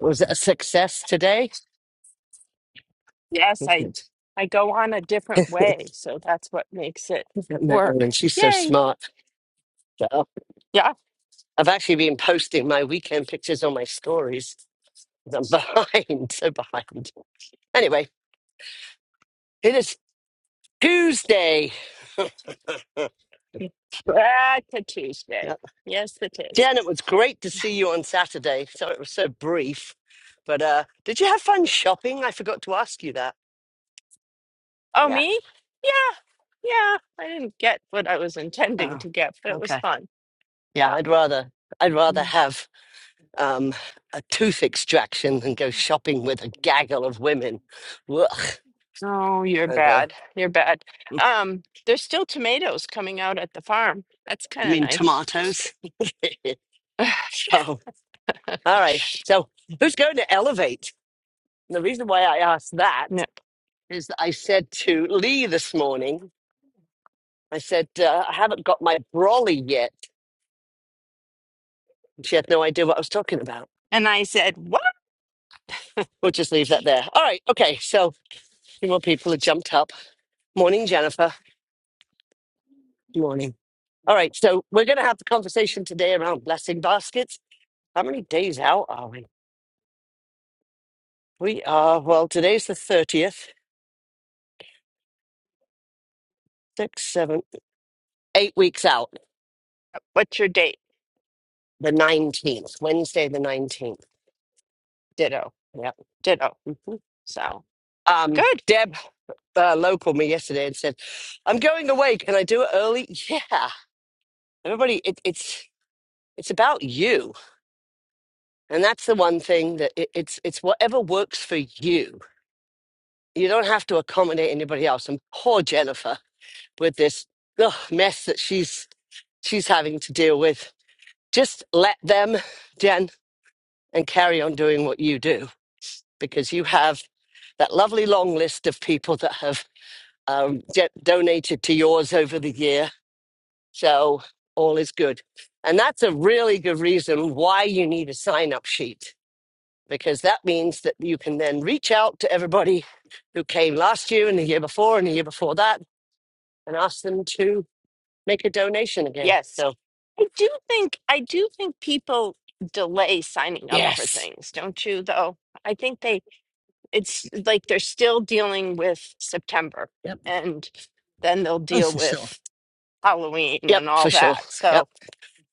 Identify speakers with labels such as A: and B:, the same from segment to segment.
A: was it a success today?
B: Yes, I I go on a different way, so that's what makes it work.
A: Marilyn, she's so
B: Yay!
A: smart. So,
B: Yeah,
A: I've actually been posting my weekend pictures on my stories. and I'm behind, so behind. Anyway, it is Tuesday.
B: that's a Tuesday.
A: Yep.
B: Yes, it is.
A: Jen, it was great to see you on Saturday. Sorry it was so brief, but uh, did you have fun shopping? I forgot to ask you that.
B: Oh,
A: Yeah.
B: me? Yeah, yeah. I didn't get what I was intending
A: Oh,
B: to get, but it was
A: okay.
B: fun.
A: Yeah,
B: Yeah.
A: I'd rather, I'd rather
B: Mm.
A: have um, a tooth extraction than go shopping with a gaggle of women. Ugh,
B: Oh, you're
A: I know.
B: bad. You're bad. Um, there's still tomatoes coming out at the farm. That's
A: You
B: kind of
A: mean
B: nice.
A: tomatoes? Oh, all right. So, who's going to elevate? And the reason why I asked that
B: Yep.
A: is that I said to Lee this morning, I said, uh, I haven't got my brolly yet. And She had no idea what I was talking about.
B: And I said, "What?
A: We'll just leave that there. All right. Okay. So, a few more people have jumped up. Morning, Jennifer. Morning. All right, so we're going to have the conversation today around blessing baskets. How many days out are we? We are, well, today's the 30th, six, seven, eight weeks out,
B: What's your date?"
A: the 19th, Wednesday, the 19th.
B: Ditto.
A: Yep.
B: Ditto.
A: hmm
B: So
A: Um,
B: good.
A: Deb uh, Lowe called me yesterday and said, I'm going away. Can I do it early? Yeah. Everybody, it, it's. It's about you, and that's the one thing that it, it's it's whatever works for you. You don't have to accommodate anybody else. And poor Jennifer with this ugh, mess that she's she's having to deal with Just let them, Jen, and carry on doing what you do because you have that lovely long list of people that have um, d- donated to yours over the year. So all is good. And that's a really good reason why you need a sign up sheet because that means that you can then reach out to everybody who came last year and the year before and the year before that and ask them to make a donation again.
B: Yes.
A: So,
B: I do think I do think people delay signing up for
A: yes.
B: things, don't you though? I think they it's like they're still dealing with September
A: Yep.
B: and then they'll
A: Oh,
B: deal
A: for sure.
B: with Halloween
A: Yep,
B: and all
A: for sure.
B: that.
A: Yep.
B: So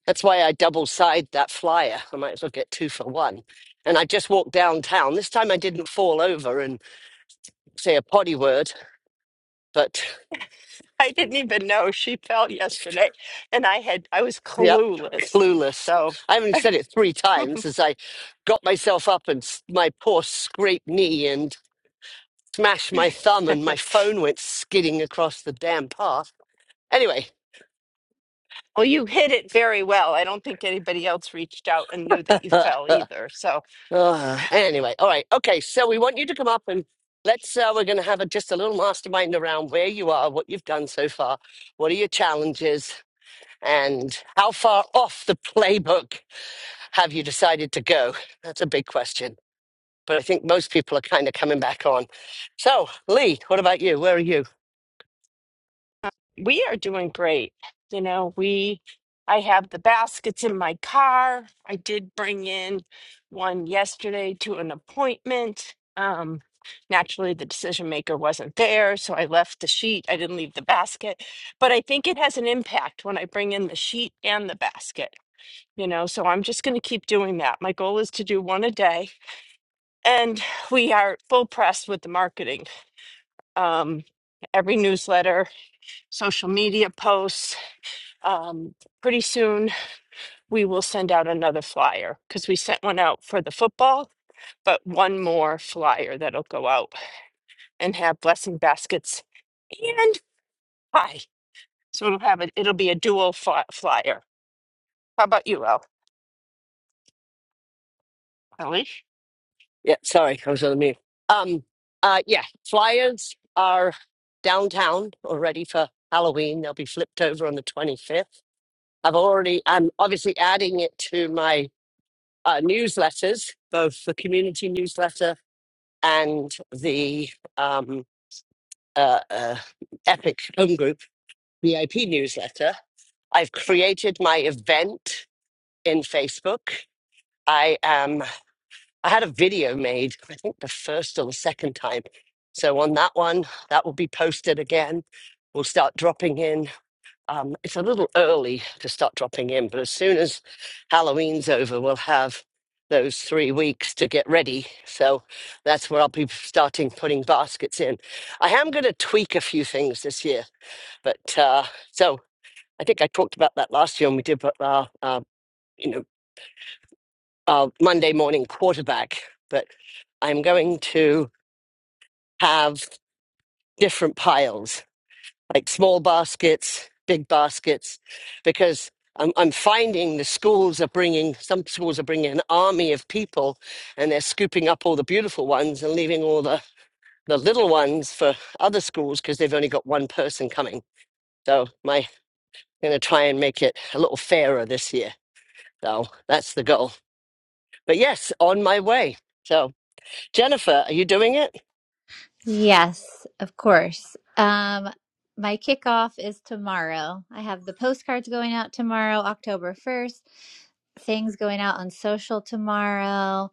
A: That's why I double sided that flyer. I might as well get two for one. And I just walked downtown. This time I didn't fall over and say a potty word, but
B: I didn't even know she fell yesterday and I had I was
A: yep,
B: clueless.
A: clueless.
B: So
A: I only said it three times as I got myself up and s- my poor scraped knee and smashed my thumb and my phone went skidding across the damn path. Anyway,
B: well you hit it very well. I don't think anybody else reached out and knew that you fell either. So
A: Uh, anyway, all right, okay. So we want you to come up and let's. Uh, we're going to have a, just a little mastermind around where you are, what you've done so far, what are your challenges, and how far off the playbook have you decided to go? That's a big question, but I think most people are kind of coming back on. So, Lee, what about you? Where are you?
B: We are doing great. You know, we, I have the baskets in my car. I did bring in one yesterday to an appointment. Um, naturally, the decision maker wasn't there, so I left the sheet. I didn't leave the basket, but I think it has an impact when I bring in the sheet and the basket, you know, so I'm just going to keep doing that. My goal is to do one a day, and we are full pressed with the marketing. Um, every newsletter, social media posts. Um, pretty soon we will send out another flyer because we sent one out for the football, but one more flyer that'll go out and have blessing baskets and pie. So it'll have a, it'll be a dual fly, flyer. How about you, El? Ellie?
A: Yeah, sorry, I was on mute. Um, uh, yeah, flyers are downtown already for Halloween. They'll be flipped over on the twenty fifth. I've already, I'm obviously adding it to my uh, newsletters, both the community newsletter and the um, uh, uh, Epic Home Group VIP newsletter. I've created my event in Facebook. I am. I had a video made. I think the first or the second time. So on that one, that will be posted again. We'll start dropping in. Um, it's a little early to start dropping in, but as soon as Halloween's over, we'll have those three weeks to get ready. So that's where I'll be starting putting baskets in. I am going to tweak a few things this year, but uh, so I think I talked about that last year when we did uh, our, uh, you know, our Monday morning quarterback. But I'm going to have different piles like small baskets, big baskets, because I'm, I'm finding the schools are bringing, some schools are bringing an army of people and they're scooping up all the beautiful ones and leaving all the, the little ones for other schools because they've only got one person coming. So my going to try and make it a little fairer this year. So that's the goal. But yes, on my way. So. Jennifer, are you doing it?
C: Yes, of course. Um, my kickoff is tomorrow. I have the postcards going out tomorrow, October 1st, things going out on social tomorrow.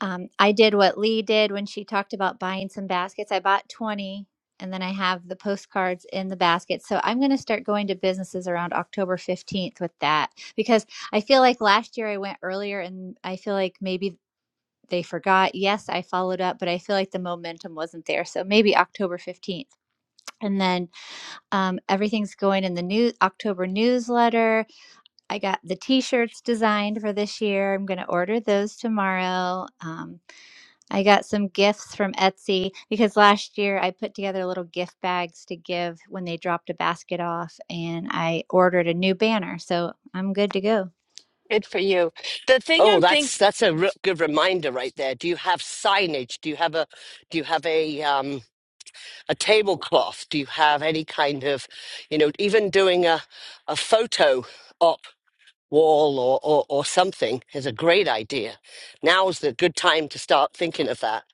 C: Um, I did what Lee did when she talked about buying some baskets. I bought 20 and then I have the postcards in the basket. So I'm going to start going to businesses around October 15th with that because I feel like last year I went earlier and I feel like maybe they forgot. Yes, I followed up, but I feel like the momentum wasn't there. So maybe October 15th. And then um, everything's going in the new October newsletter. I got the t shirts designed for this year. I'm going to order those tomorrow. Um, I got some gifts from Etsy because last year I put together little gift bags to give when they dropped a basket off and I ordered a new banner. So I'm good to go.
B: Good for you. The thing
A: Oh,
B: I'm thinking.
A: that's that's a re- good reminder right there. Do you have signage? Do you have a do you have a um a tablecloth? Do you have any kind of, you know, even doing a a photo op wall or, or, or something is a great idea. Now's the good time to start thinking of that.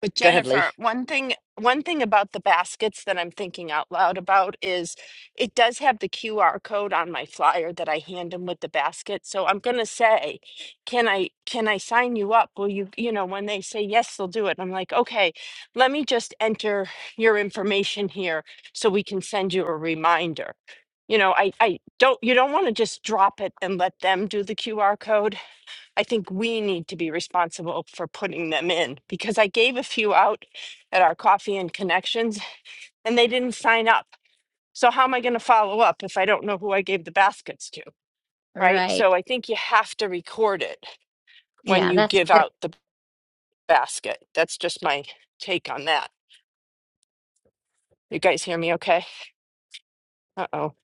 B: But
A: Go ahead, Lee.
B: Jennifer, one thing one thing about the baskets that I'm thinking out loud about is it does have the QR code on my flyer that I hand them with the basket. So I'm gonna say, can I can I sign you up? Will you you know when they say yes, they'll do it. I'm like, okay, let me just enter your information here so we can send you a reminder. You know, I I don't you don't want to just drop it and let them do the QR code. I think we need to be responsible for putting them in because I gave a few out at our coffee and connections and they didn't sign up. So, how am I going to follow up if I don't know who I gave the baskets to? Right. So,
C: Right.
B: I think you have to record it when
C: Yeah,
B: you
C: that's
B: give
C: good.
B: out the basket. That's just my take on that. You guys hear me okay? Uh oh.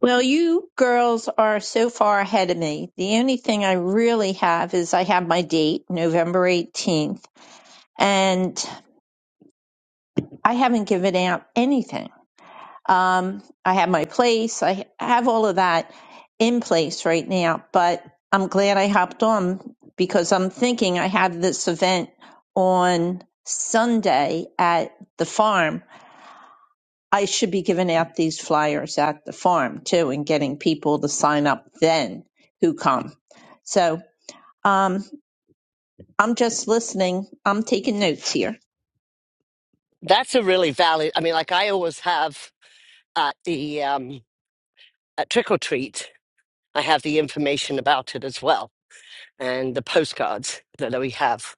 D: Well, you girls are so far ahead of me. The only thing I really have is I have my date, November 18th, and I haven't given out anything. Um, I have my place, I have all of that in place right now, but I'm glad I hopped on because I'm thinking I have this event on Sunday at the farm I should be giving out these flyers at the farm too and getting people to sign up then who come. So um, I'm just listening. I'm taking notes here.
A: That's a really valid. I mean, like I always have at the um, at trick or treat, I have the information about it as well, and the postcards that we have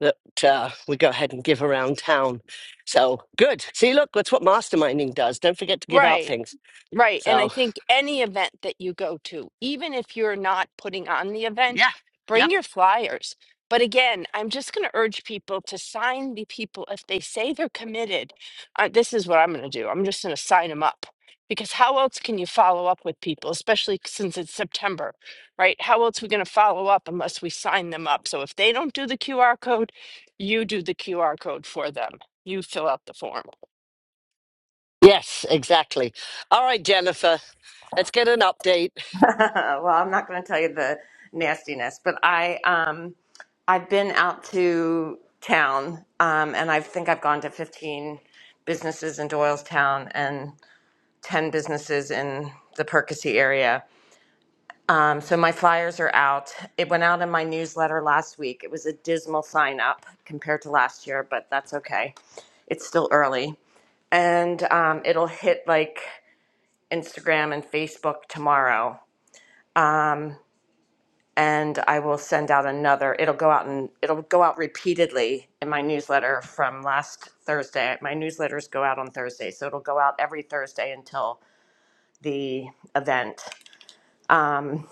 A: that uh, we go ahead and give around town. So good. See, look, that's what masterminding does. Don't forget to give out
B: Right.
A: things.
B: Right. And I
A: So
B: think any event that you go to, even if you're not putting on the event,
A: yeah,
B: bring
A: yep.
B: your flyers. But again, I'm just going to urge people to sign the people if they say they're committed. Uh, this is what I'm going to do. I'm just going to sign them up because how else can you follow up with people, especially since it's September, right? How else we going to follow up unless we sign them up? So if they don't do the QR code, you do the QR code for them. You fill out the form.
A: Yes, exactly. All right, Jennifer, let's get an update.
E: well, I'm not going to tell you the nastiness, but I um I've been out to town um and I think I've gone to 15 businesses in Doylestown and 10 businesses in the Perkasie area. Um, so my flyers are out. It went out in my newsletter last week. It was a dismal sign up compared to last year, but that's okay. It's still early and um, it'll hit like Instagram and Facebook tomorrow. and I will send out another. It'll go out and it'll go out repeatedly in my newsletter from last Thursday. My newsletters go out on Thursday, so it'll go out every Thursday until the event. Um,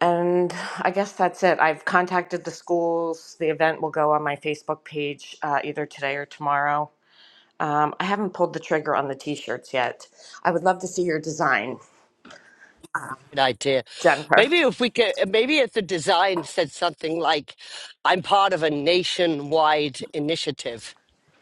E: and I guess that's it. I've contacted the schools. The event will go on my Facebook page uh, either today or tomorrow. Um, I haven't pulled the trigger on the t shirts yet. I would love to see your design,
A: Good idea.
E: Jennifer.
A: Maybe if we could, uh, maybe if the design said something like, I'm part of a nationwide initiative.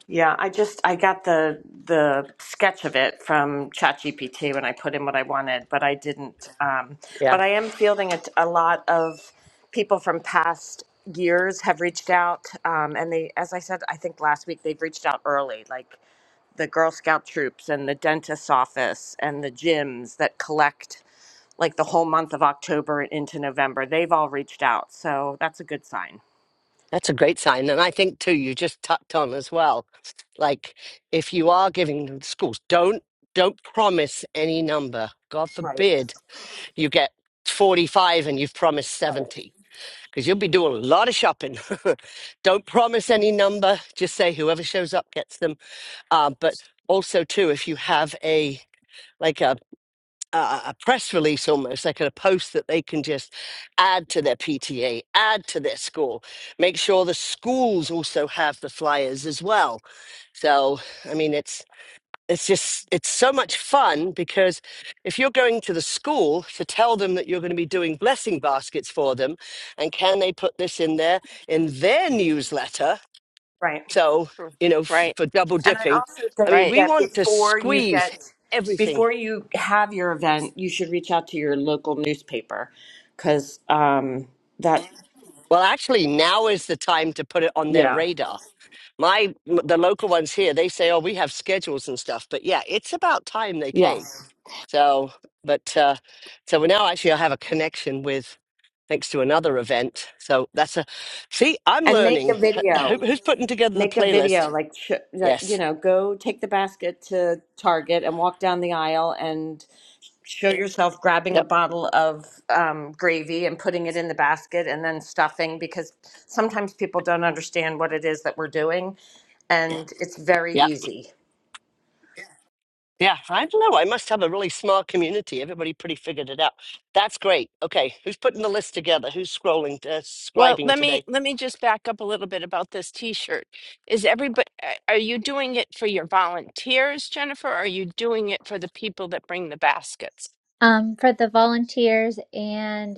E: Yeah, I just I got the the sketch of it from ChatGPT when I put in what I wanted, but I didn't. Um, but
A: Yeah,
E: I am fielding a, a lot of people from past years have reached out, um, and they, as I said, I think last week they've reached out early, like the Girl Scout troops and the dentist's office and the gyms that collect like the whole month of October into November. They've all reached out, so that's a good sign.
A: that's a great sign. And I think, too, you just tucked on as well. Like, if you are giving them schools, don't don't promise any number. God
E: Right,
A: forbid you get 45 and you've promised
E: right.
A: 70, because you'll be doing a lot of shopping. don't promise any number. Just say whoever shows up gets them. Uh, but also, too, if you have a like a a, a press release almost, like a post that they can just add to their PTA, add to their school, make sure the schools also have the flyers as well. So, I mean, it's it's just it's so much fun because if you're going to the school to tell them that you're going to be doing blessing baskets for them and can they put this in there in their newsletter
E: Right.
A: so
B: Mm,
A: you know f-
B: Right,
A: for double
E: And I
A: dipping
E: also
A: i
E: think
A: mean
B: right.
A: we
E: that
A: want to
E: before you
A: squeeze
E: get,
A: everything
E: before you have your event, you should reach out to your local newspaper because um, that,
A: Well, actually, now is the time to put it on their
E: yeah,
A: radar. My the local ones here, they say, "Oh, we have schedules and stuff." But yeah, it's about time they came.
E: yes.
A: So, but uh, so we now actually I have a connection with thanks to another event. So that's a see, I'm
E: And make a
A: learning. H- Who,
E: video.
A: who's putting together the
E: Make a video,
A: playlist?
E: like, sh- like, you
A: Yes.
E: know, go take the basket to Target and walk down the aisle and show yourself grabbing a
A: Yep.
E: bottle of um, gravy and putting it in the basket and then stuffing because sometimes people don't understand what it is that we're doing and it's very
A: Yep.
E: easy.
A: Yeah. I don't know. I must have a really smart community. Everybody pretty figured it out. That's great. Okay, who's putting the list together? Who's scrolling, uh,
B: Well,
A: scribing
B: let me
A: today?
B: let me just back up a little bit about this t-shirt. Is everybody are you doing it for your volunteers, Jennifer? Or are you doing it for the people that bring the baskets?
C: Um, for the volunteers and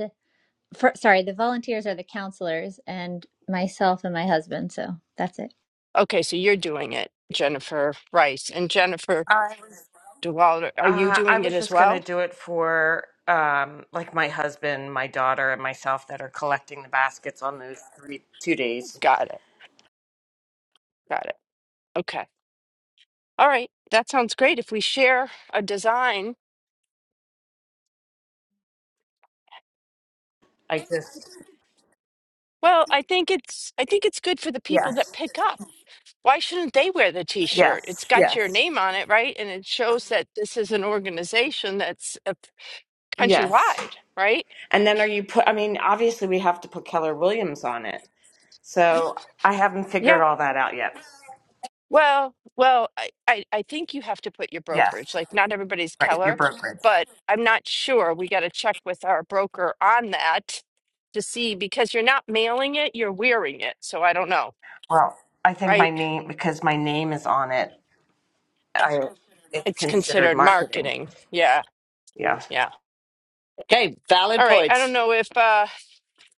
C: for, sorry, the volunteers are the counselors and myself and my husband. So that's it.
B: Okay, so you're doing it, Jennifer Rice. And Jennifer
E: I was
B: DeWalder, are you
E: uh, I
B: doing it
E: was
B: as
E: just gonna
B: well?
E: do it for um, like my husband, my daughter, and myself that are collecting the baskets on those three two days.
B: Got it. Got it. Okay. All right. That sounds great. If we share a design,
E: I just
B: well, I think it's I think it's good for the people that
E: yes,
B: pick up. Why shouldn't they wear the t-shirt? It's
E: yes,
B: got your
E: yes,
B: name on it, right? And it shows that this is an organization that's uh,
E: yes.
B: countrywide, right?
E: And then are you put? I mean, obviously we have to put Keller Williams on it. So I haven't figured
B: Yeah.
E: all that out yet.
B: Well, well, I, I I think you have to put your
E: Yes,
B: brokerage. Like not everybody's
E: right. Your
B: Keller,
E: brokerage.
B: but I'm not sure. We got to check with our broker on that to see because you're not mailing it, you're wearing it. So I don't know,
E: Well, I think my
B: right?
E: name because my name is on it. I it's
B: It's
E: considered
B: considered
E: marketing.
B: marketing. Yeah,
E: Yeah.
B: yeah.
A: Okay, valid
B: All right. I
A: points.
B: don't know if uh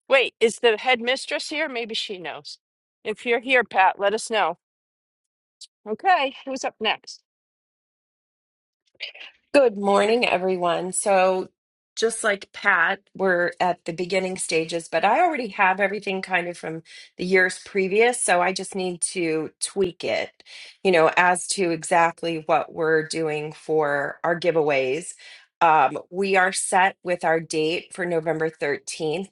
B: wait, is the headmistress here? Maybe she knows. If you're here, Pat, let us know. Okay, who's up next?
F: Good morning, everyone. So, just like Pat, we're at the beginning stages, but I already have everything kind of from the years previous. So, I just need to tweak it, you know, as to exactly what we're doing for our giveaways. Um, we are set with our date for November 13th.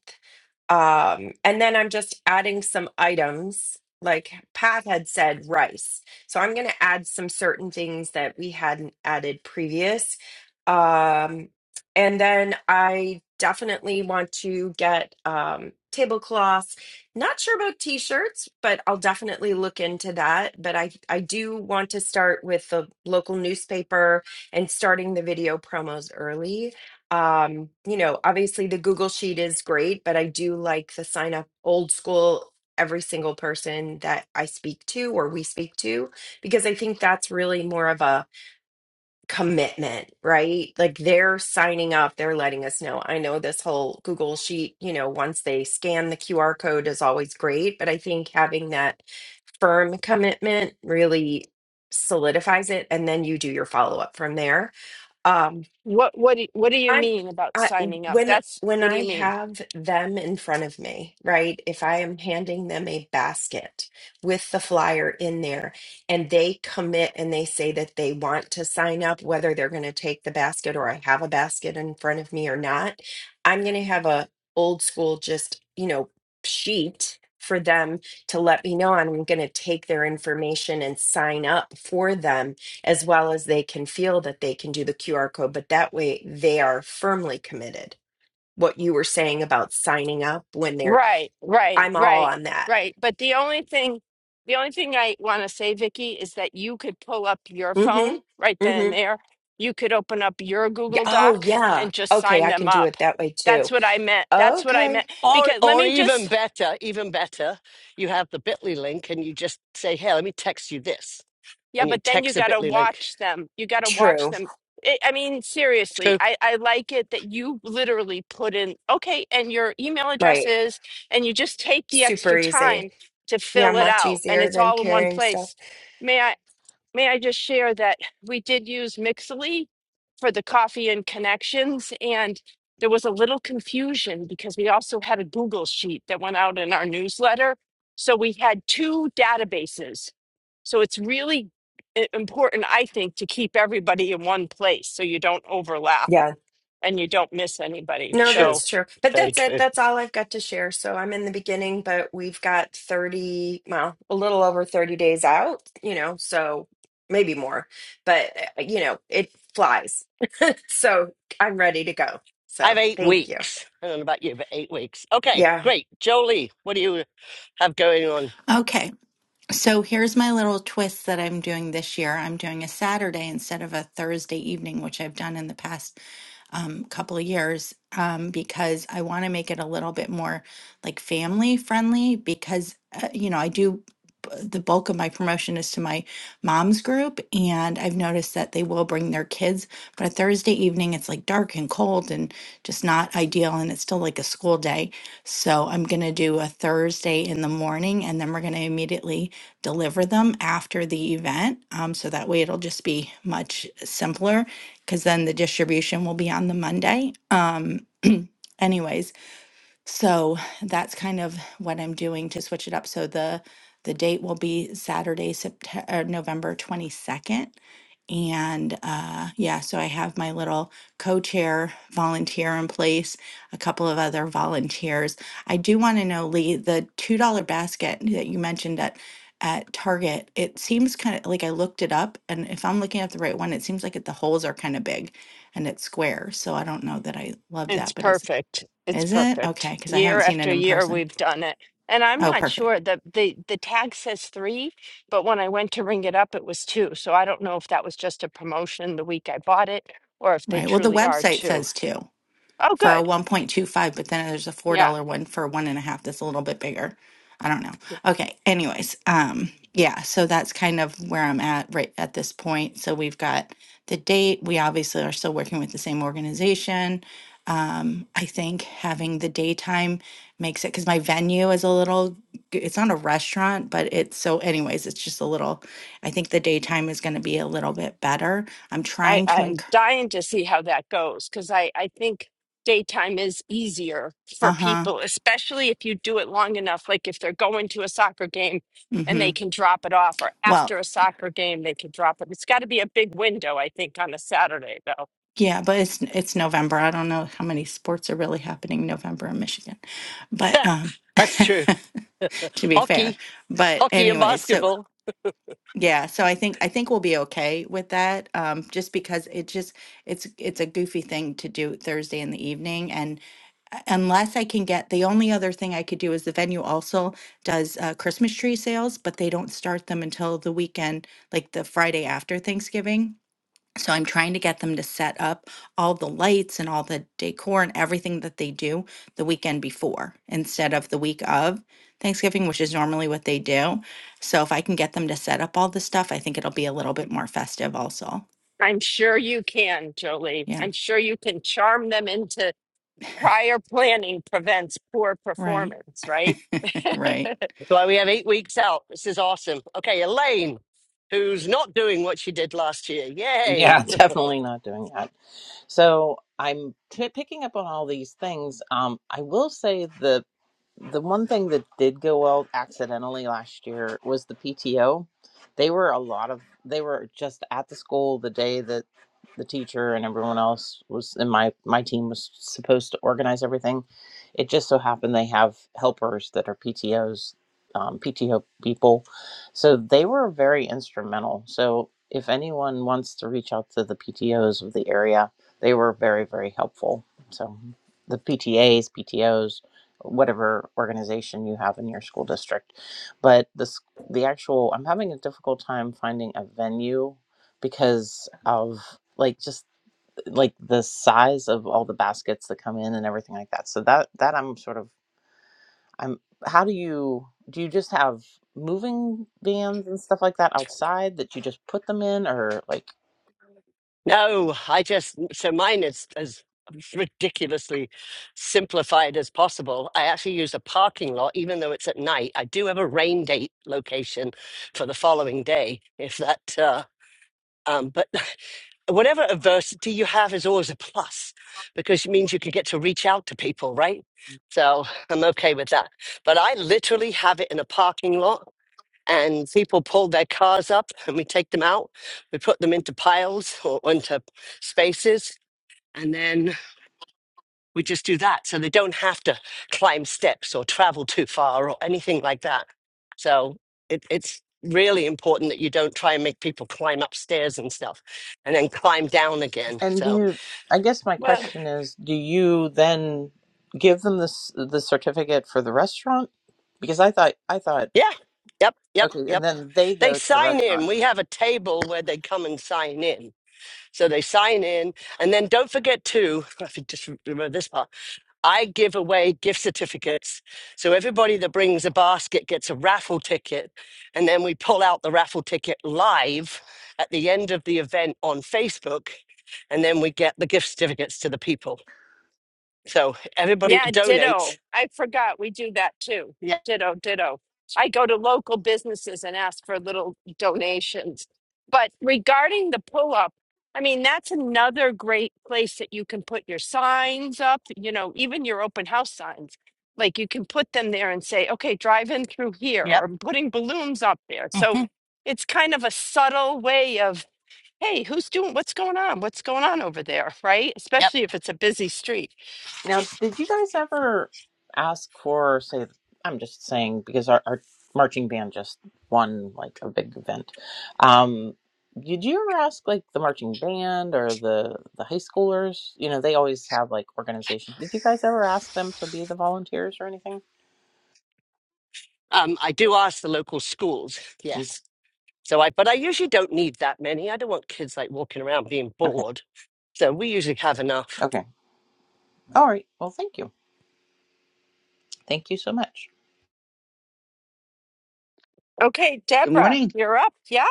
F: Um, and then I'm just adding some items, like Pat had said, rice. So I'm going to add some certain things that we hadn't added previous. Um, and then I definitely want to get um, tablecloths. Not sure about t-shirts, but I'll definitely look into that. But I, I do want to start with the local newspaper and starting the video promos early. Um, you know, obviously the Google Sheet is great, but I do like the sign up old school every single person that I speak to or we speak to because I think that's really more of a commitment, right? Like they're signing up, they're letting us know. I know this whole Google sheet, you know, once they scan the QR code is always great, but I think having that firm commitment really solidifies it and then you do your follow up from there. Um,
B: What what do, what do you
F: I'm
B: mean about
F: I
B: signing up?
F: when
B: That's
F: when
B: what do
F: I
B: you mean?
F: have them in front of me, right? If I am handing them a basket with the flyer in there and they commit and they say that they want to sign up, whether they're going to take the basket or I have a basket in front of me or not, I'm going to have a old school just, you know, sheet for them to let me know and I'm going to take their information and sign up for them as well as they can feel that they can do the QR code, but that way they are firmly committed. What you were saying about signing up when they're,
B: Right, right,
F: I'm all
B: right,
F: on that.
B: right. But the only thing, the only thing I want to say, Vicky, is that you could pull up your
F: Mm
B: phone right
F: hmm. Mm
B: then and
F: hmm.
B: there. You could open up your
F: Yeah.
B: Google
F: Oh,
B: Doc
F: yeah.
B: and just
F: Okay.
B: sign
F: I
B: them
F: can do
B: up.
F: it that way
B: That's
F: too.
B: what I meant. That's what I meant.
F: Okay.
A: Or,
B: Because let
A: or
B: me just
A: even better, even better, you have the Bitly link, and you just say, "Hey, let me text you this,"
B: Yeah,
A: and you
B: but then you
A: text a
B: got to
A: Bitly link.
B: watch them. You got to watch
F: True.
B: them. I I mean, seriously,
A: True,
B: I, I like it that you literally put in, okay, and your email address
F: Right.
B: is, and you just take the
F: Super
B: extra
F: easy.
B: time to
F: Yeah.
B: fill it
F: Much
B: out and
F: easier
B: it's
F: than
B: all in one
F: carrying stuff.
B: place. May I? May I just share that we did use Mixly for the coffee and connections, and there was a little confusion because we also had a Google sheet that went out in our newsletter. So we had two databases. So it's really i- important, I think, to keep everybody in one place so you don't overlap
F: Yeah.
B: and you don't miss anybody.
F: No,
B: So
A: true,
F: that's true. But
A: very
F: that's it.
A: true.
F: That's all I've got to share. So I'm in the beginning, but we've got 30, well, a little over 30 days out, you know, so maybe more, but uh, you know, it flies. So I'm ready to go.
A: I have
F: So
A: eight
F: thank you.
A: weeks. I don't know about you, but eight weeks. Okay,
F: Yeah.
A: great. Jolie, what do you have going on?
G: Okay, so here's my little twist that I'm doing this year. I'm doing a Saturday instead of a Thursday evening, which I've done in the past um, couple of years um, because I want to make it a little bit more like family friendly because, uh, you know, I do uh, the bulk of my promotion is to my mom's group and I've noticed that they will bring their kids, but a Thursday evening it's like dark and cold and just not ideal and it's still like a school day. So I'm going to do a Thursday in the morning and then we're going to immediately deliver them after the event. Um, so that way it'll just be much simpler because then the distribution will be on the Monday. Um, anyways, so that's kind of what I'm doing to switch it up. So the the date will be Saturday, September, November 22nd. And uh, yeah, so I have my little co-chair volunteer in place, a couple of other volunteers. I do want to know, Lee, the $2 basket that you mentioned at at Target, it seems kind of like I looked it up, and if I'm looking at the right one, it seems like it, the holes are kind of big and it's square. So I don't know that I love
B: It's
G: that, but it's
B: perfect. It's
G: is it?
B: perfect.
G: Okay, because I haven't
B: Year
G: seen it
B: after
G: in
B: year,
G: person.
B: we've done it. And I'm
G: Oh,
B: not sure
G: perfect.
B: that the the tag says three, but when I went to ring it up, it was two. So I don't know if that was just a promotion the week I bought it or if they
G: Right. Well, the
B: truly are
G: website
B: two.
G: says too.
B: Oh,
G: for a
B: good.
G: 1.25, but then there's a $4
B: Yeah.
G: one for one and a half that's a little bit bigger. I don't know. Okay. Anyways, um, yeah, so that's kind of where I'm at right at this point. So we've got the date. We obviously are still working with the same organization. Um, I think having the daytime makes it because my venue is a little, g- it's not a restaurant, but it's so, anyways, it's just a little, I think the daytime is going to be a little bit better. I'm
B: I,
G: trying to, enc-
B: I'm dying to see how that goes because I, I think daytime is easier for
G: uh huh.
B: people, especially if you do it long enough. Like if they're going to a soccer game
G: Mm
B: and
G: hmm.
B: they can drop it off, or
G: Well,
B: after a soccer game, they can drop it. It's got to be a big window, I think, on a Saturday, though.
G: Yeah, but it's it's November. I don't know how many sports are really happening in November in Michigan. But um
A: That's true.
G: to be fair.
A: Hockey,
G: But
A: hockey, and
G: anyway, so
A: basketball.
G: yeah, so I think I think we'll be okay with that. Um just because it just it's it's a goofy thing to do Thursday in the evening and uh, unless I can get the only other thing I could do is the venue also does uh, Christmas tree sales, but they don't start them until the weekend, like the Friday after Thanksgiving. So I'm trying to get them to set up all the lights and all the decor and everything that they do the weekend before instead of the week of Thanksgiving, which is normally what they do. So if I can get them to set up all the stuff, I think it'll be a little bit more festive also.
B: I'm sure you can, Jolie.
G: Yeah.
B: I'm sure you can charm them into prior planning prevents poor
G: Right.
B: performance, right?
G: right.
A: That's why we have eight weeks out. This is awesome. Okay, Elaine, who's not doing what she did last year. Yay!
H: Yeah, definitely not doing that. So I'm t- picking up on all these things. Um, I will say the the one thing that did go well accidentally last year was the PTO. They were a lot of they were just at the school the day that the teacher and everyone else was and my my team was supposed to organize everything. It just so happened they have helpers that are PTOs, um, PTO people, so they were very instrumental. So if anyone wants to reach out to the PTOs of the area, they were very very helpful. So the PTAs, PTOs whatever organization you have in your school district. But this the actual I'm having a difficult time finding a venue because of like just like the size of all the baskets that come in and everything like that. So that that I'm sort of I'm how do you do you just have moving vans and stuff like that outside that you just put them in or like
A: No, I just so mine is as ridiculously simplified as possible. I actually use a parking lot, even though it's at night. I do have a rain date location for the following day, if that. Uh, um, but whatever adversity you have is always a plus because it means you can get to reach out to people, right? So I'm okay with that. But I literally have it in a parking lot and people pull their cars up and we take them out we put them into piles or into spaces and then we just do that so they don't have to climb steps or travel too far or anything like that so it, it's really important that you don't try and make people climb upstairs and stuff and then climb down again
H: And do
A: so
H: you, I guess my
B: Well,
H: question is, do you then give them this the certificate for the restaurant? Because I thought I thought
A: yeah yep yep
H: okay, and
A: yep
H: then they
A: they
H: go to the
A: sign
H: restaurant.
A: in we have a table where they come and sign in so they sign in and then don't forget to i think just remember this part I give away gift certificates. So everybody that brings a basket gets a raffle ticket. And then we pull out the raffle ticket live at the end of the event on Facebook. And then we get the gift certificates to the people. So everybody
B: Yeah,
A: that donates.
B: ditto. I forgot we do that too.
A: Yep.
B: Ditto, ditto. I go to local businesses and ask for little donations. But regarding the pull up, I mean, that's another great place that you can put your signs up, you know, even your open house signs. Like you can put them there and say, okay, drive in through here, or
A: Yep.
B: I'm putting balloons up there. So
A: mhm,
B: it's kind of a subtle way of, hey, who's doing what's going on? What's going on over there? Right?
A: Yep.
B: Especially if it's a busy street.
H: Now, did you guys ever ask for, say, I'm just saying because our, our marching band just won like a big event. Um, did you ever ask like the marching band or the the high schoolers? You know, they always have like organizations. Did you guys ever ask them to be the volunteers or anything?
A: Um, I do ask the local schools.
H: Mm,
A: Yes. So I, but I usually don't need that many. I don't want kids like walking around being
H: Okay.
A: bored. So we usually have enough.
H: Okay. All right. Well, thank you. Thank you so much.
B: Okay,
I: Good
B: Deborah,
I: morning.
B: you're up. Yeah,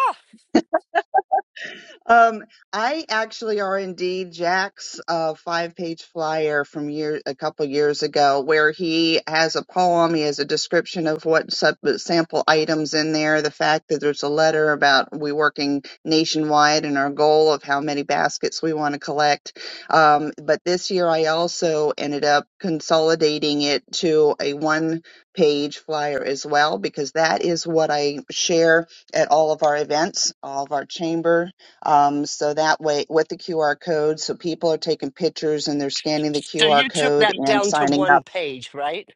I: Um, I actually are indeed Jack's uh, five-page flyer from year a couple years ago, where he has a poem, he has a description of what sub- sample items in there, the fact that there's a letter about we working nationwide and our goal of how many baskets we want to collect. Um, but this year, I also ended up consolidating it to a one-page flyer as well, because that is what I share at all of our events, all of our chamber um, so that way, with the QR code, so people are taking pictures and they're scanning the
A: So
I: QR
A: you took
I: code
A: that
I: and
A: down to
I: signing up
A: one page, right?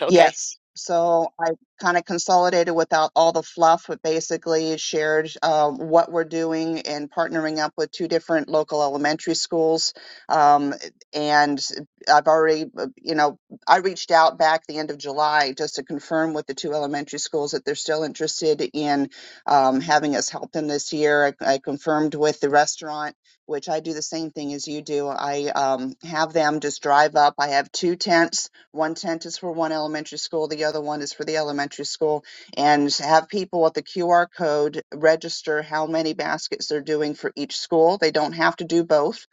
A: Okay.
I: Yes. So I kind of consolidated without all the fluff, but basically shared uh, what we're doing and partnering up with two different local elementary schools. Um, and I've already, uh, you know, I reached out back the end of July just to confirm with the two elementary schools that they're still interested in um, having us help them this year. I, I confirmed with the restaurant. Which I do the same thing as you do. I um, have them just drive up. I have two tents one tent is for one elementary school, the other one is for the elementary school, and have people with the QR code register how many baskets they're doing for each school. They don't have to do both,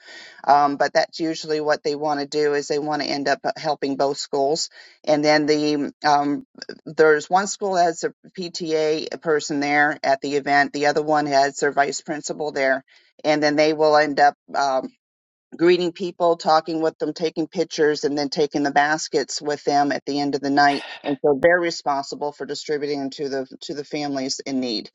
I: um, but that's usually what they want to do is they want to end up uh, helping both schools. And then the um, there's one school that has a PTA person there at the event, the other one has their vice principal there, and then they will end up. um, greeting people, talking with them, taking pictures, and then taking the baskets with them at the end of the night. And so they're responsible for distributing them to the to the families in need.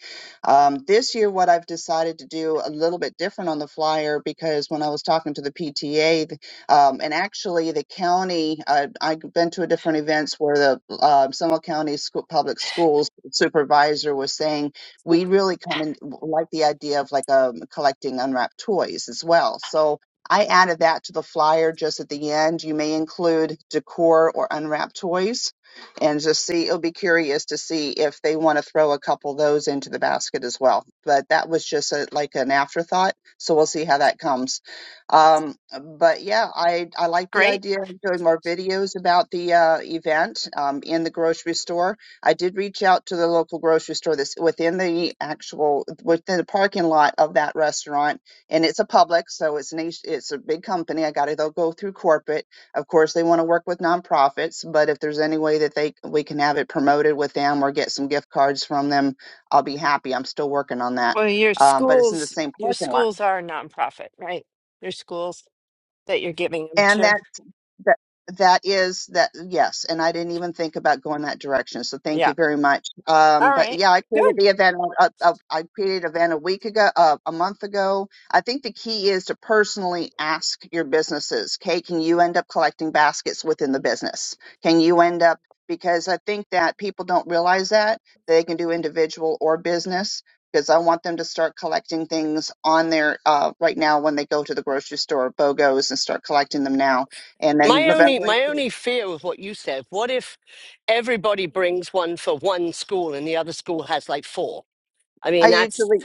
I: Um, this year, what I've decided to do a little bit different on the flyer because when I was talking to the PTA, th- um, and actually the county, uh, I've been to a different events where the uh, Seminole County School, Public Schools supervisor was saying we really kind of like the idea of like um collecting unwrapped toys as well. So I added that to the flyer just at the end. You may include decor or unwrapped toys and just see, it'll be curious to see if they want to throw a couple of those into the basket as well. But that was just a, like an afterthought. So we'll see how that comes. Um, but yeah, I, I like the
B: great.
I: idea of doing more videos about the uh, event um, in the grocery store. I did reach out to the local grocery store that's within the actual, within the parking lot of that restaurant and it's a public, so it's an it's a big company. I got to go through corporate. Of course, they want to work with nonprofits, but if there's any way that they we can have it promoted with them or get some gift cards from them, I'll be happy. I'm still working on that,
B: Well, your
I: um, but it's in the
B: schools,
I: same
B: your
I: parking lot,
B: schools are a nonprofit, right? Your schools that you're giving them
I: and
B: to.
I: that That that is that yes, and I didn't even think about going that direction. So thank
B: Yeah.
I: you very much.
B: All
I: Um, but
B: right.
I: yeah, I created
B: Good.
I: the event. Uh, uh, I created an event a week ago, uh, a month ago. I think the key is to personally ask your businesses. Okay, can you end up collecting baskets within the business? Can you end up because I think that people don't realize that they can do individual or business. Because I want them to start collecting things on their uh, right now when they go to the grocery store, BOGOs, and start collecting them now and then
A: My only
I: November
A: my
I: 18th.
A: only fear with what you said, what if everybody brings one for one school and the other school has like four? I
I: I
A: mean, that's
I: usually,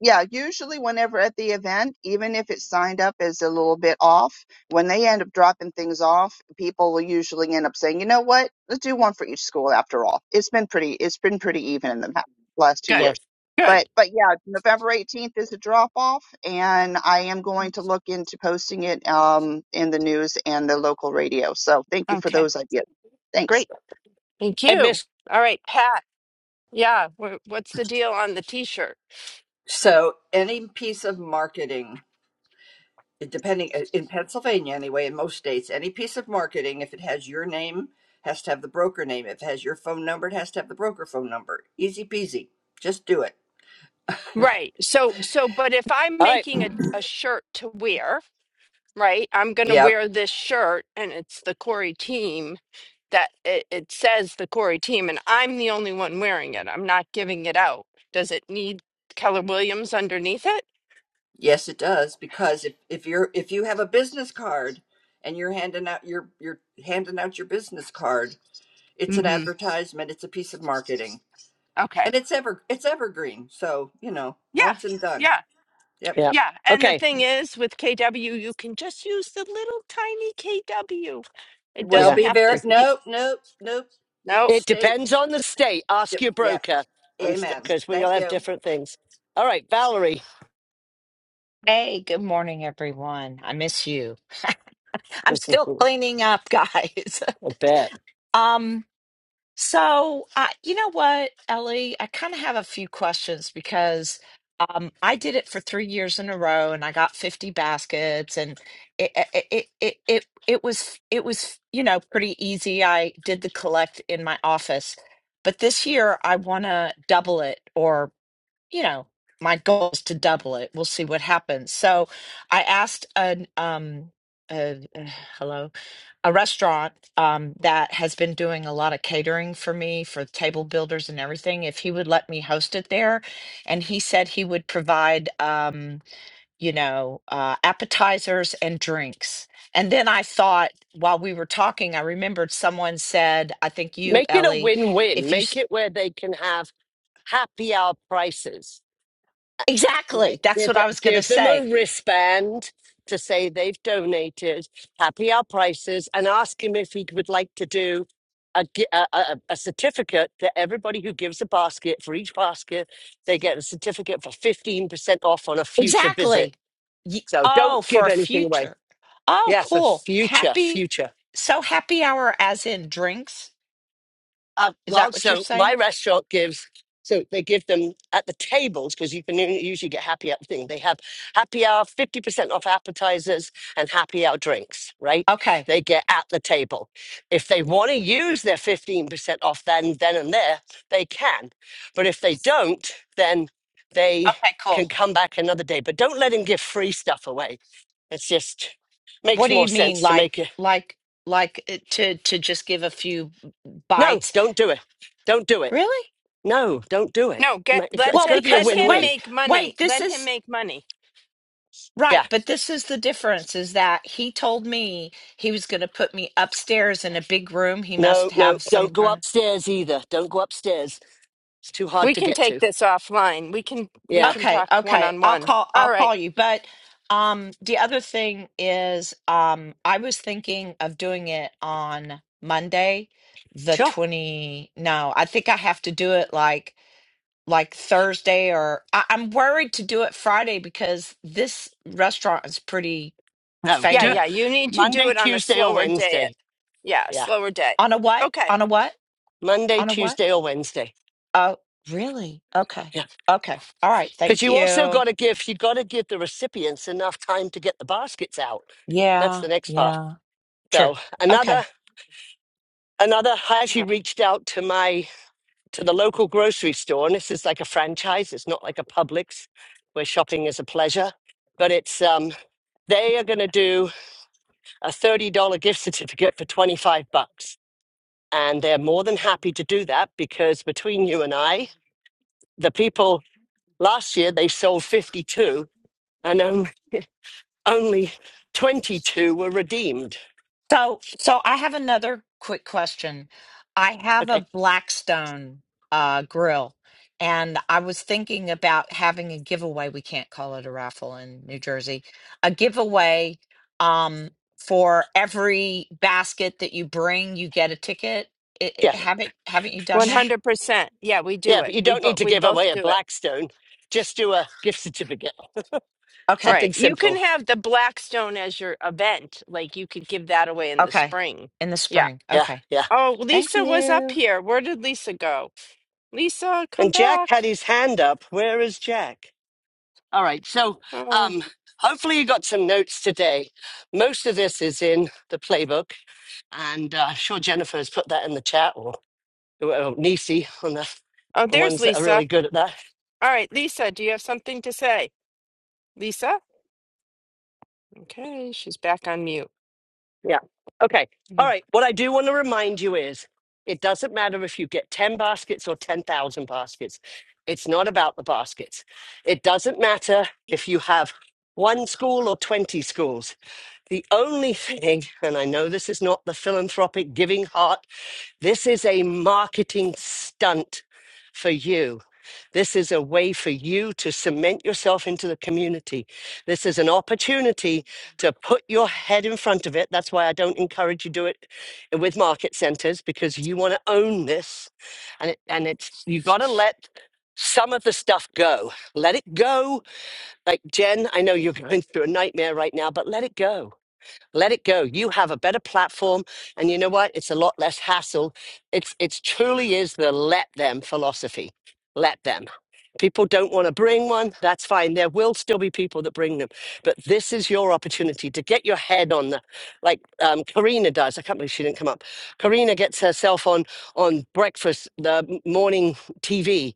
I: yeah, usually whenever at the event, even if it's signed up as a little bit off, when they end up dropping things off, people will usually end up saying, you know what, let's do one for each school after all. It's been pretty, it's been pretty even in the pa- last two
B: Good.
A: the
I: years. But,
B: Good.
I: but yeah, November 18th is a drop off and I am going to look into posting it, um, in the news and the local radio. So thank you for
B: Okay.
I: those ideas. Thanks.
B: Great. Thank you.
A: headmistress.
B: All right, Pat. Yeah. wh- What's the deal on the t-shirt?
J: So any piece of marketing, eh, depending eh, in Pennsylvania anyway, in most states, any piece of marketing, if it has your name, has to have the broker name. If it has your phone number, it has to have the broker phone number. Easy peasy. Just do it.
B: Right. So, so, but if I'm
A: All right.
B: making a, a shirt to wear, right, I'm going to
J: Yep.
B: wear this shirt and it's the Corey team that it, it says the Corey team, and I'm the only one wearing it. I'm not giving it out. Does it need Keller Williams underneath it?
J: Yes, it does. Because if, if you're if you have a business card and you're handing out your you're handing out your business card, it's an
B: Mm-hmm.
J: advertisement, it's a piece of marketing.
B: Okay.
J: And it's ever it's evergreen. So, you know,
B: Yeah.
J: once and done.
B: Yeah.
J: Yep.
A: Yeah.
B: Yeah. And the
A: Okay.
B: thing is, with KW, you can just use the little tiny KW. It
J: Well,
B: doesn't
A: Yeah.
J: be
B: have to.
J: very,
B: be-
J: nope, nope, nope. Each
B: No.
A: It
J: state,
A: depends on the state. Ask
J: yep.
A: your
J: yep.
A: broker. I'm stuck
J: Amen.
A: because we all
J: Thank
A: have
J: you.
A: different things. All right, Valerie.
K: Hey, good morning, everyone. I miss you. I'm still
A: I
K: cleaning up, guys.
A: bet.
K: Um, so uh, you know what, Ellie? I kind of have a few questions because um, I did it for three years in a row, and I got 50 baskets, and it it it it it, it was it was you know pretty easy. I did the collect in my office, but this year I want to double it or you know, my goal is to double it. We'll see what happens. So I asked an um a, uh, hello a restaurant um that has been doing a lot of catering for me for table builders and everything if he would let me host it there and he said he would provide um you know uh appetizers and drinks and then i thought while we were talking i remembered someone said i think you
A: Make it a
K: ellie
A: win-win.
K: if you
A: Make
K: s-
A: it where they can have happy hour prices right?
K: exactly that's
A: Give
K: what
A: th-
K: i was going to
A: give them
K: say
A: a wristband to say they've donated, happy our prices, and ask him if he would like to do a, gi- a, a, a a certificate that everybody who gives a basket for each basket, they get a certificate for 15% off on a future visit.
K: Exactly. Ye-
A: So don't
K: Oh,
A: give
K: for a
A: anything away.
K: future. Oh,
A: Yeah, for
K: cool.
A: future,
K: Happy.
A: future.
K: So happy hour as in drinks.
A: Uh,
K: Is
A: well,
K: that what you're
A: so my
K: saying?
A: restaurant gives, so they give them at the tables because you can u- usually get happy hour thing. They have happy hour, fifty percent off appetizers and happy hour drinks. Right?
K: Okay.
A: They get at the table. If they want to use their fifteen percent off, then then and there they can. But if they don't, then they
K: Okay,
A: can
K: cool.
A: come back another day. But don't let them give free stuff away. It's just
K: What
A: makes
K: do you
A: more
K: mean
A: sense to make
K: like
A: it.
K: like like uh, to to just give a few
A: No,
K: bites?
A: don't do it. Don't do it
K: Really?
A: No, don't do it.
B: No. Get
A: Ma-
B: let
A: It's
K: Well,
A: got
B: that.
A: to be a
B: Let
K: because
B: him
A: win-win.
K: wait,
B: make money.
K: wait, this
B: Let him
K: is
B: make money.
K: right,
A: Yeah.
K: but this is the difference is that he told me he was going to put me upstairs in a big room. He
A: No,
K: must
A: no,
K: have some
A: don't go
K: kind of
A: upstairs either. Don't go upstairs. It's too hard
B: We
A: to
B: can
A: get
B: take
A: to.
B: this offline. We can. We
A: Yeah.
B: can
K: Okay,
B: talk one
K: okay.
B: on
K: I'll
B: one.
K: call
B: All
K: I'll
B: right.
K: call you. But um the other thing is um I was thinking of doing it on Monday, the
A: Sure.
K: 20 no, I think I have to do it like like Thursday or I, I'm worried to do it Friday because this restaurant is pretty
A: No,
B: Yeah,
A: do it
K: famous.
B: yeah. You need to do
A: Monday,
B: it on a
A: Tuesday, or
B: slower day.
A: Wednesday.
B: Yeah, a
A: Yeah.
B: slower day.
K: On a what?
B: Okay.
K: On a what?
A: Monday,
K: On a what?
A: Tuesday, or Wednesday.
K: Oh, really? Okay.
A: Yeah.
K: Okay. All right.
A: Because
K: Thank
A: you also
K: you.
A: got to give you got to give the recipients enough time to get the baskets out. That's
K: Yeah.
A: the next part.
K: Yeah. True.
A: So
K: Okay.
A: another another. I actually
B: Uh,
A: reached out to my to the local grocery store, and this is like a franchise. It's not like a Publix where shopping is a pleasure, but it's um, they are going to do a thirty dollar gift certificate for twenty five bucks, and they're more than happy to do that because between you and I, the people last year they sold fifty two, and um, only twenty two were redeemed.
K: So, so I have another quick question. I have
A: Okay,
K: a Blackstone uh, grill, and I was thinking about having a giveaway. We can't call it a raffle in New Jersey. A giveaway um, for every basket that you bring, you get a ticket. It,
A: yeah,
K: it- haven't haven't you done that?
B: 100%. Yeah, we do
A: yeah, but
B: it.
A: you
B: We
A: don't need
B: both
A: to
B: we
A: give
B: both
A: away a
B: do it.
A: Blackstone. Just do a gift certificate,
K: Okay,
B: Right.
A: something
B: You can
A: simple.
B: have the Blackstone as your event. Like you could give that away in the
K: okay,
B: spring.
K: in the
B: Yeah.
K: spring.
A: Yeah,
K: Okay,
A: yeah.
B: Oh,
K: thank
B: Lisa was up
K: you.
B: here. Where did Lisa go? Lisa, come
A: And Jack
B: back.
A: had his hand up. Where is Jack? All right. So,
B: Oh.
A: um, hopefully, you got some notes today. Most of this is in the playbook, and uh, sure Jennifer has put that in the chat or, or Nisi on the
B: Oh,
A: the
B: there's
A: ones that are
B: Lisa.
A: really good at that.
B: All right, Lisa, do you have something to say? Lisa? Okay, she's back on mute.
A: Yeah. Okay. All right. What I do want to remind you is, it doesn't matter if you get ten baskets or ten thousand baskets. It's not about the baskets. It doesn't matter if you have one school or twenty schools The only thing, and I know this is not the philanthropic giving heart, this is a marketing stunt for you. This is a way for you to cement yourself into the community. This is an opportunity to put your head in front of it. That's why I don't encourage you do it with market centers because you want to own this and it, and it's you got to let some of the stuff go. Let it go. Like Jen, I know you're going through a nightmare right now, but let it go let it go. You have a better platform, and you know what? It's a lot less hassle. It's it's truly is the let them philosophy. Let them. People don't want to bring one. That's fine. There will still be people that bring them. But this is your opportunity to get your head on the, like um, Karina does. I can't believe she didn't come up. Karina gets herself on on breakfast, the m- morning TV.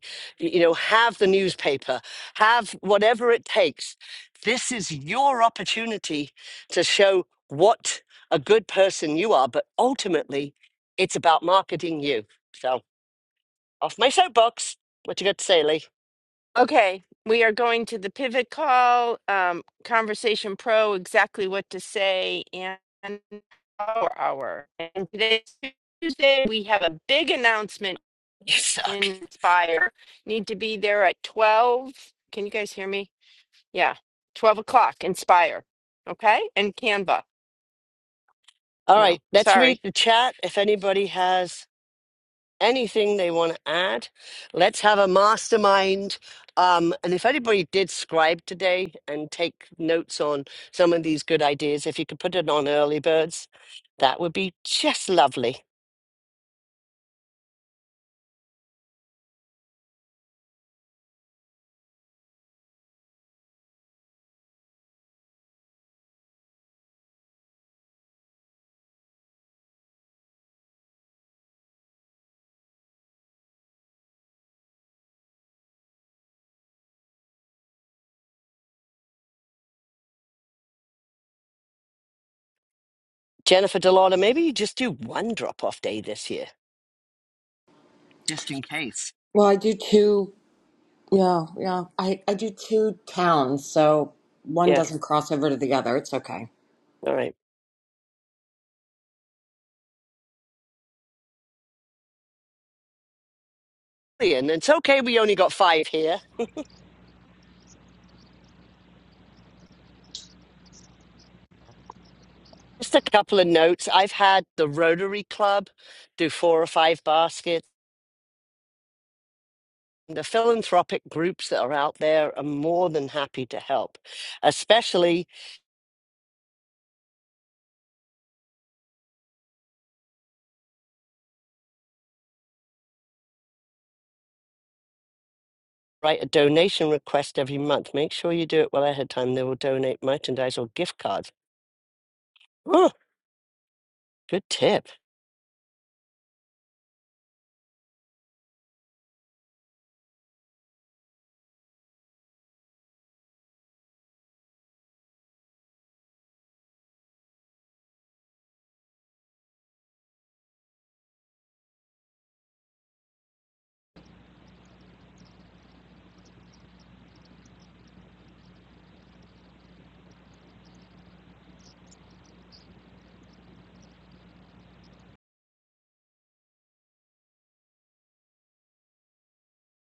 A: You know, have the newspaper, have whatever it takes. This is your opportunity to show what a good person you are. But ultimately, it's about marketing you. So off my soapbox. What you got to say, Lee?
B: Okay, we are going to the pivot call, um, Conversation Pro, exactly what to say, and our hour. And today's Tuesday, we have a big announcement
A: Yes.
B: in Inspire. Need to be there at 12. Can you guys hear me? Yeah, 12 o'clock, Inspire. Okay, and Canva.
A: All right,
B: No,
A: let's
B: sorry.
A: read the chat. If anybody has anything they want to add, let's have a mastermind. Um, and if anybody did scribe today and take notes on some of these good ideas, if you could put it on early birds, that would be just lovely. Jennifer Delauder, maybe you just do one drop off day this year, just in case.
E: Well, I do two Yeah, yeah. I, I do two towns, so one
A: Yeah,
E: doesn't cross over to the other. It's okay.
A: all right. And it's okay, we only got five here. Just a couple of notes. I've had the Rotary Club do four or five baskets. the philanthropic groups that are out there are more than happy to help, especially write a donation request every month. Make sure you do it well ahead of time. They will donate merchandise or gift cards. Oh, good tip.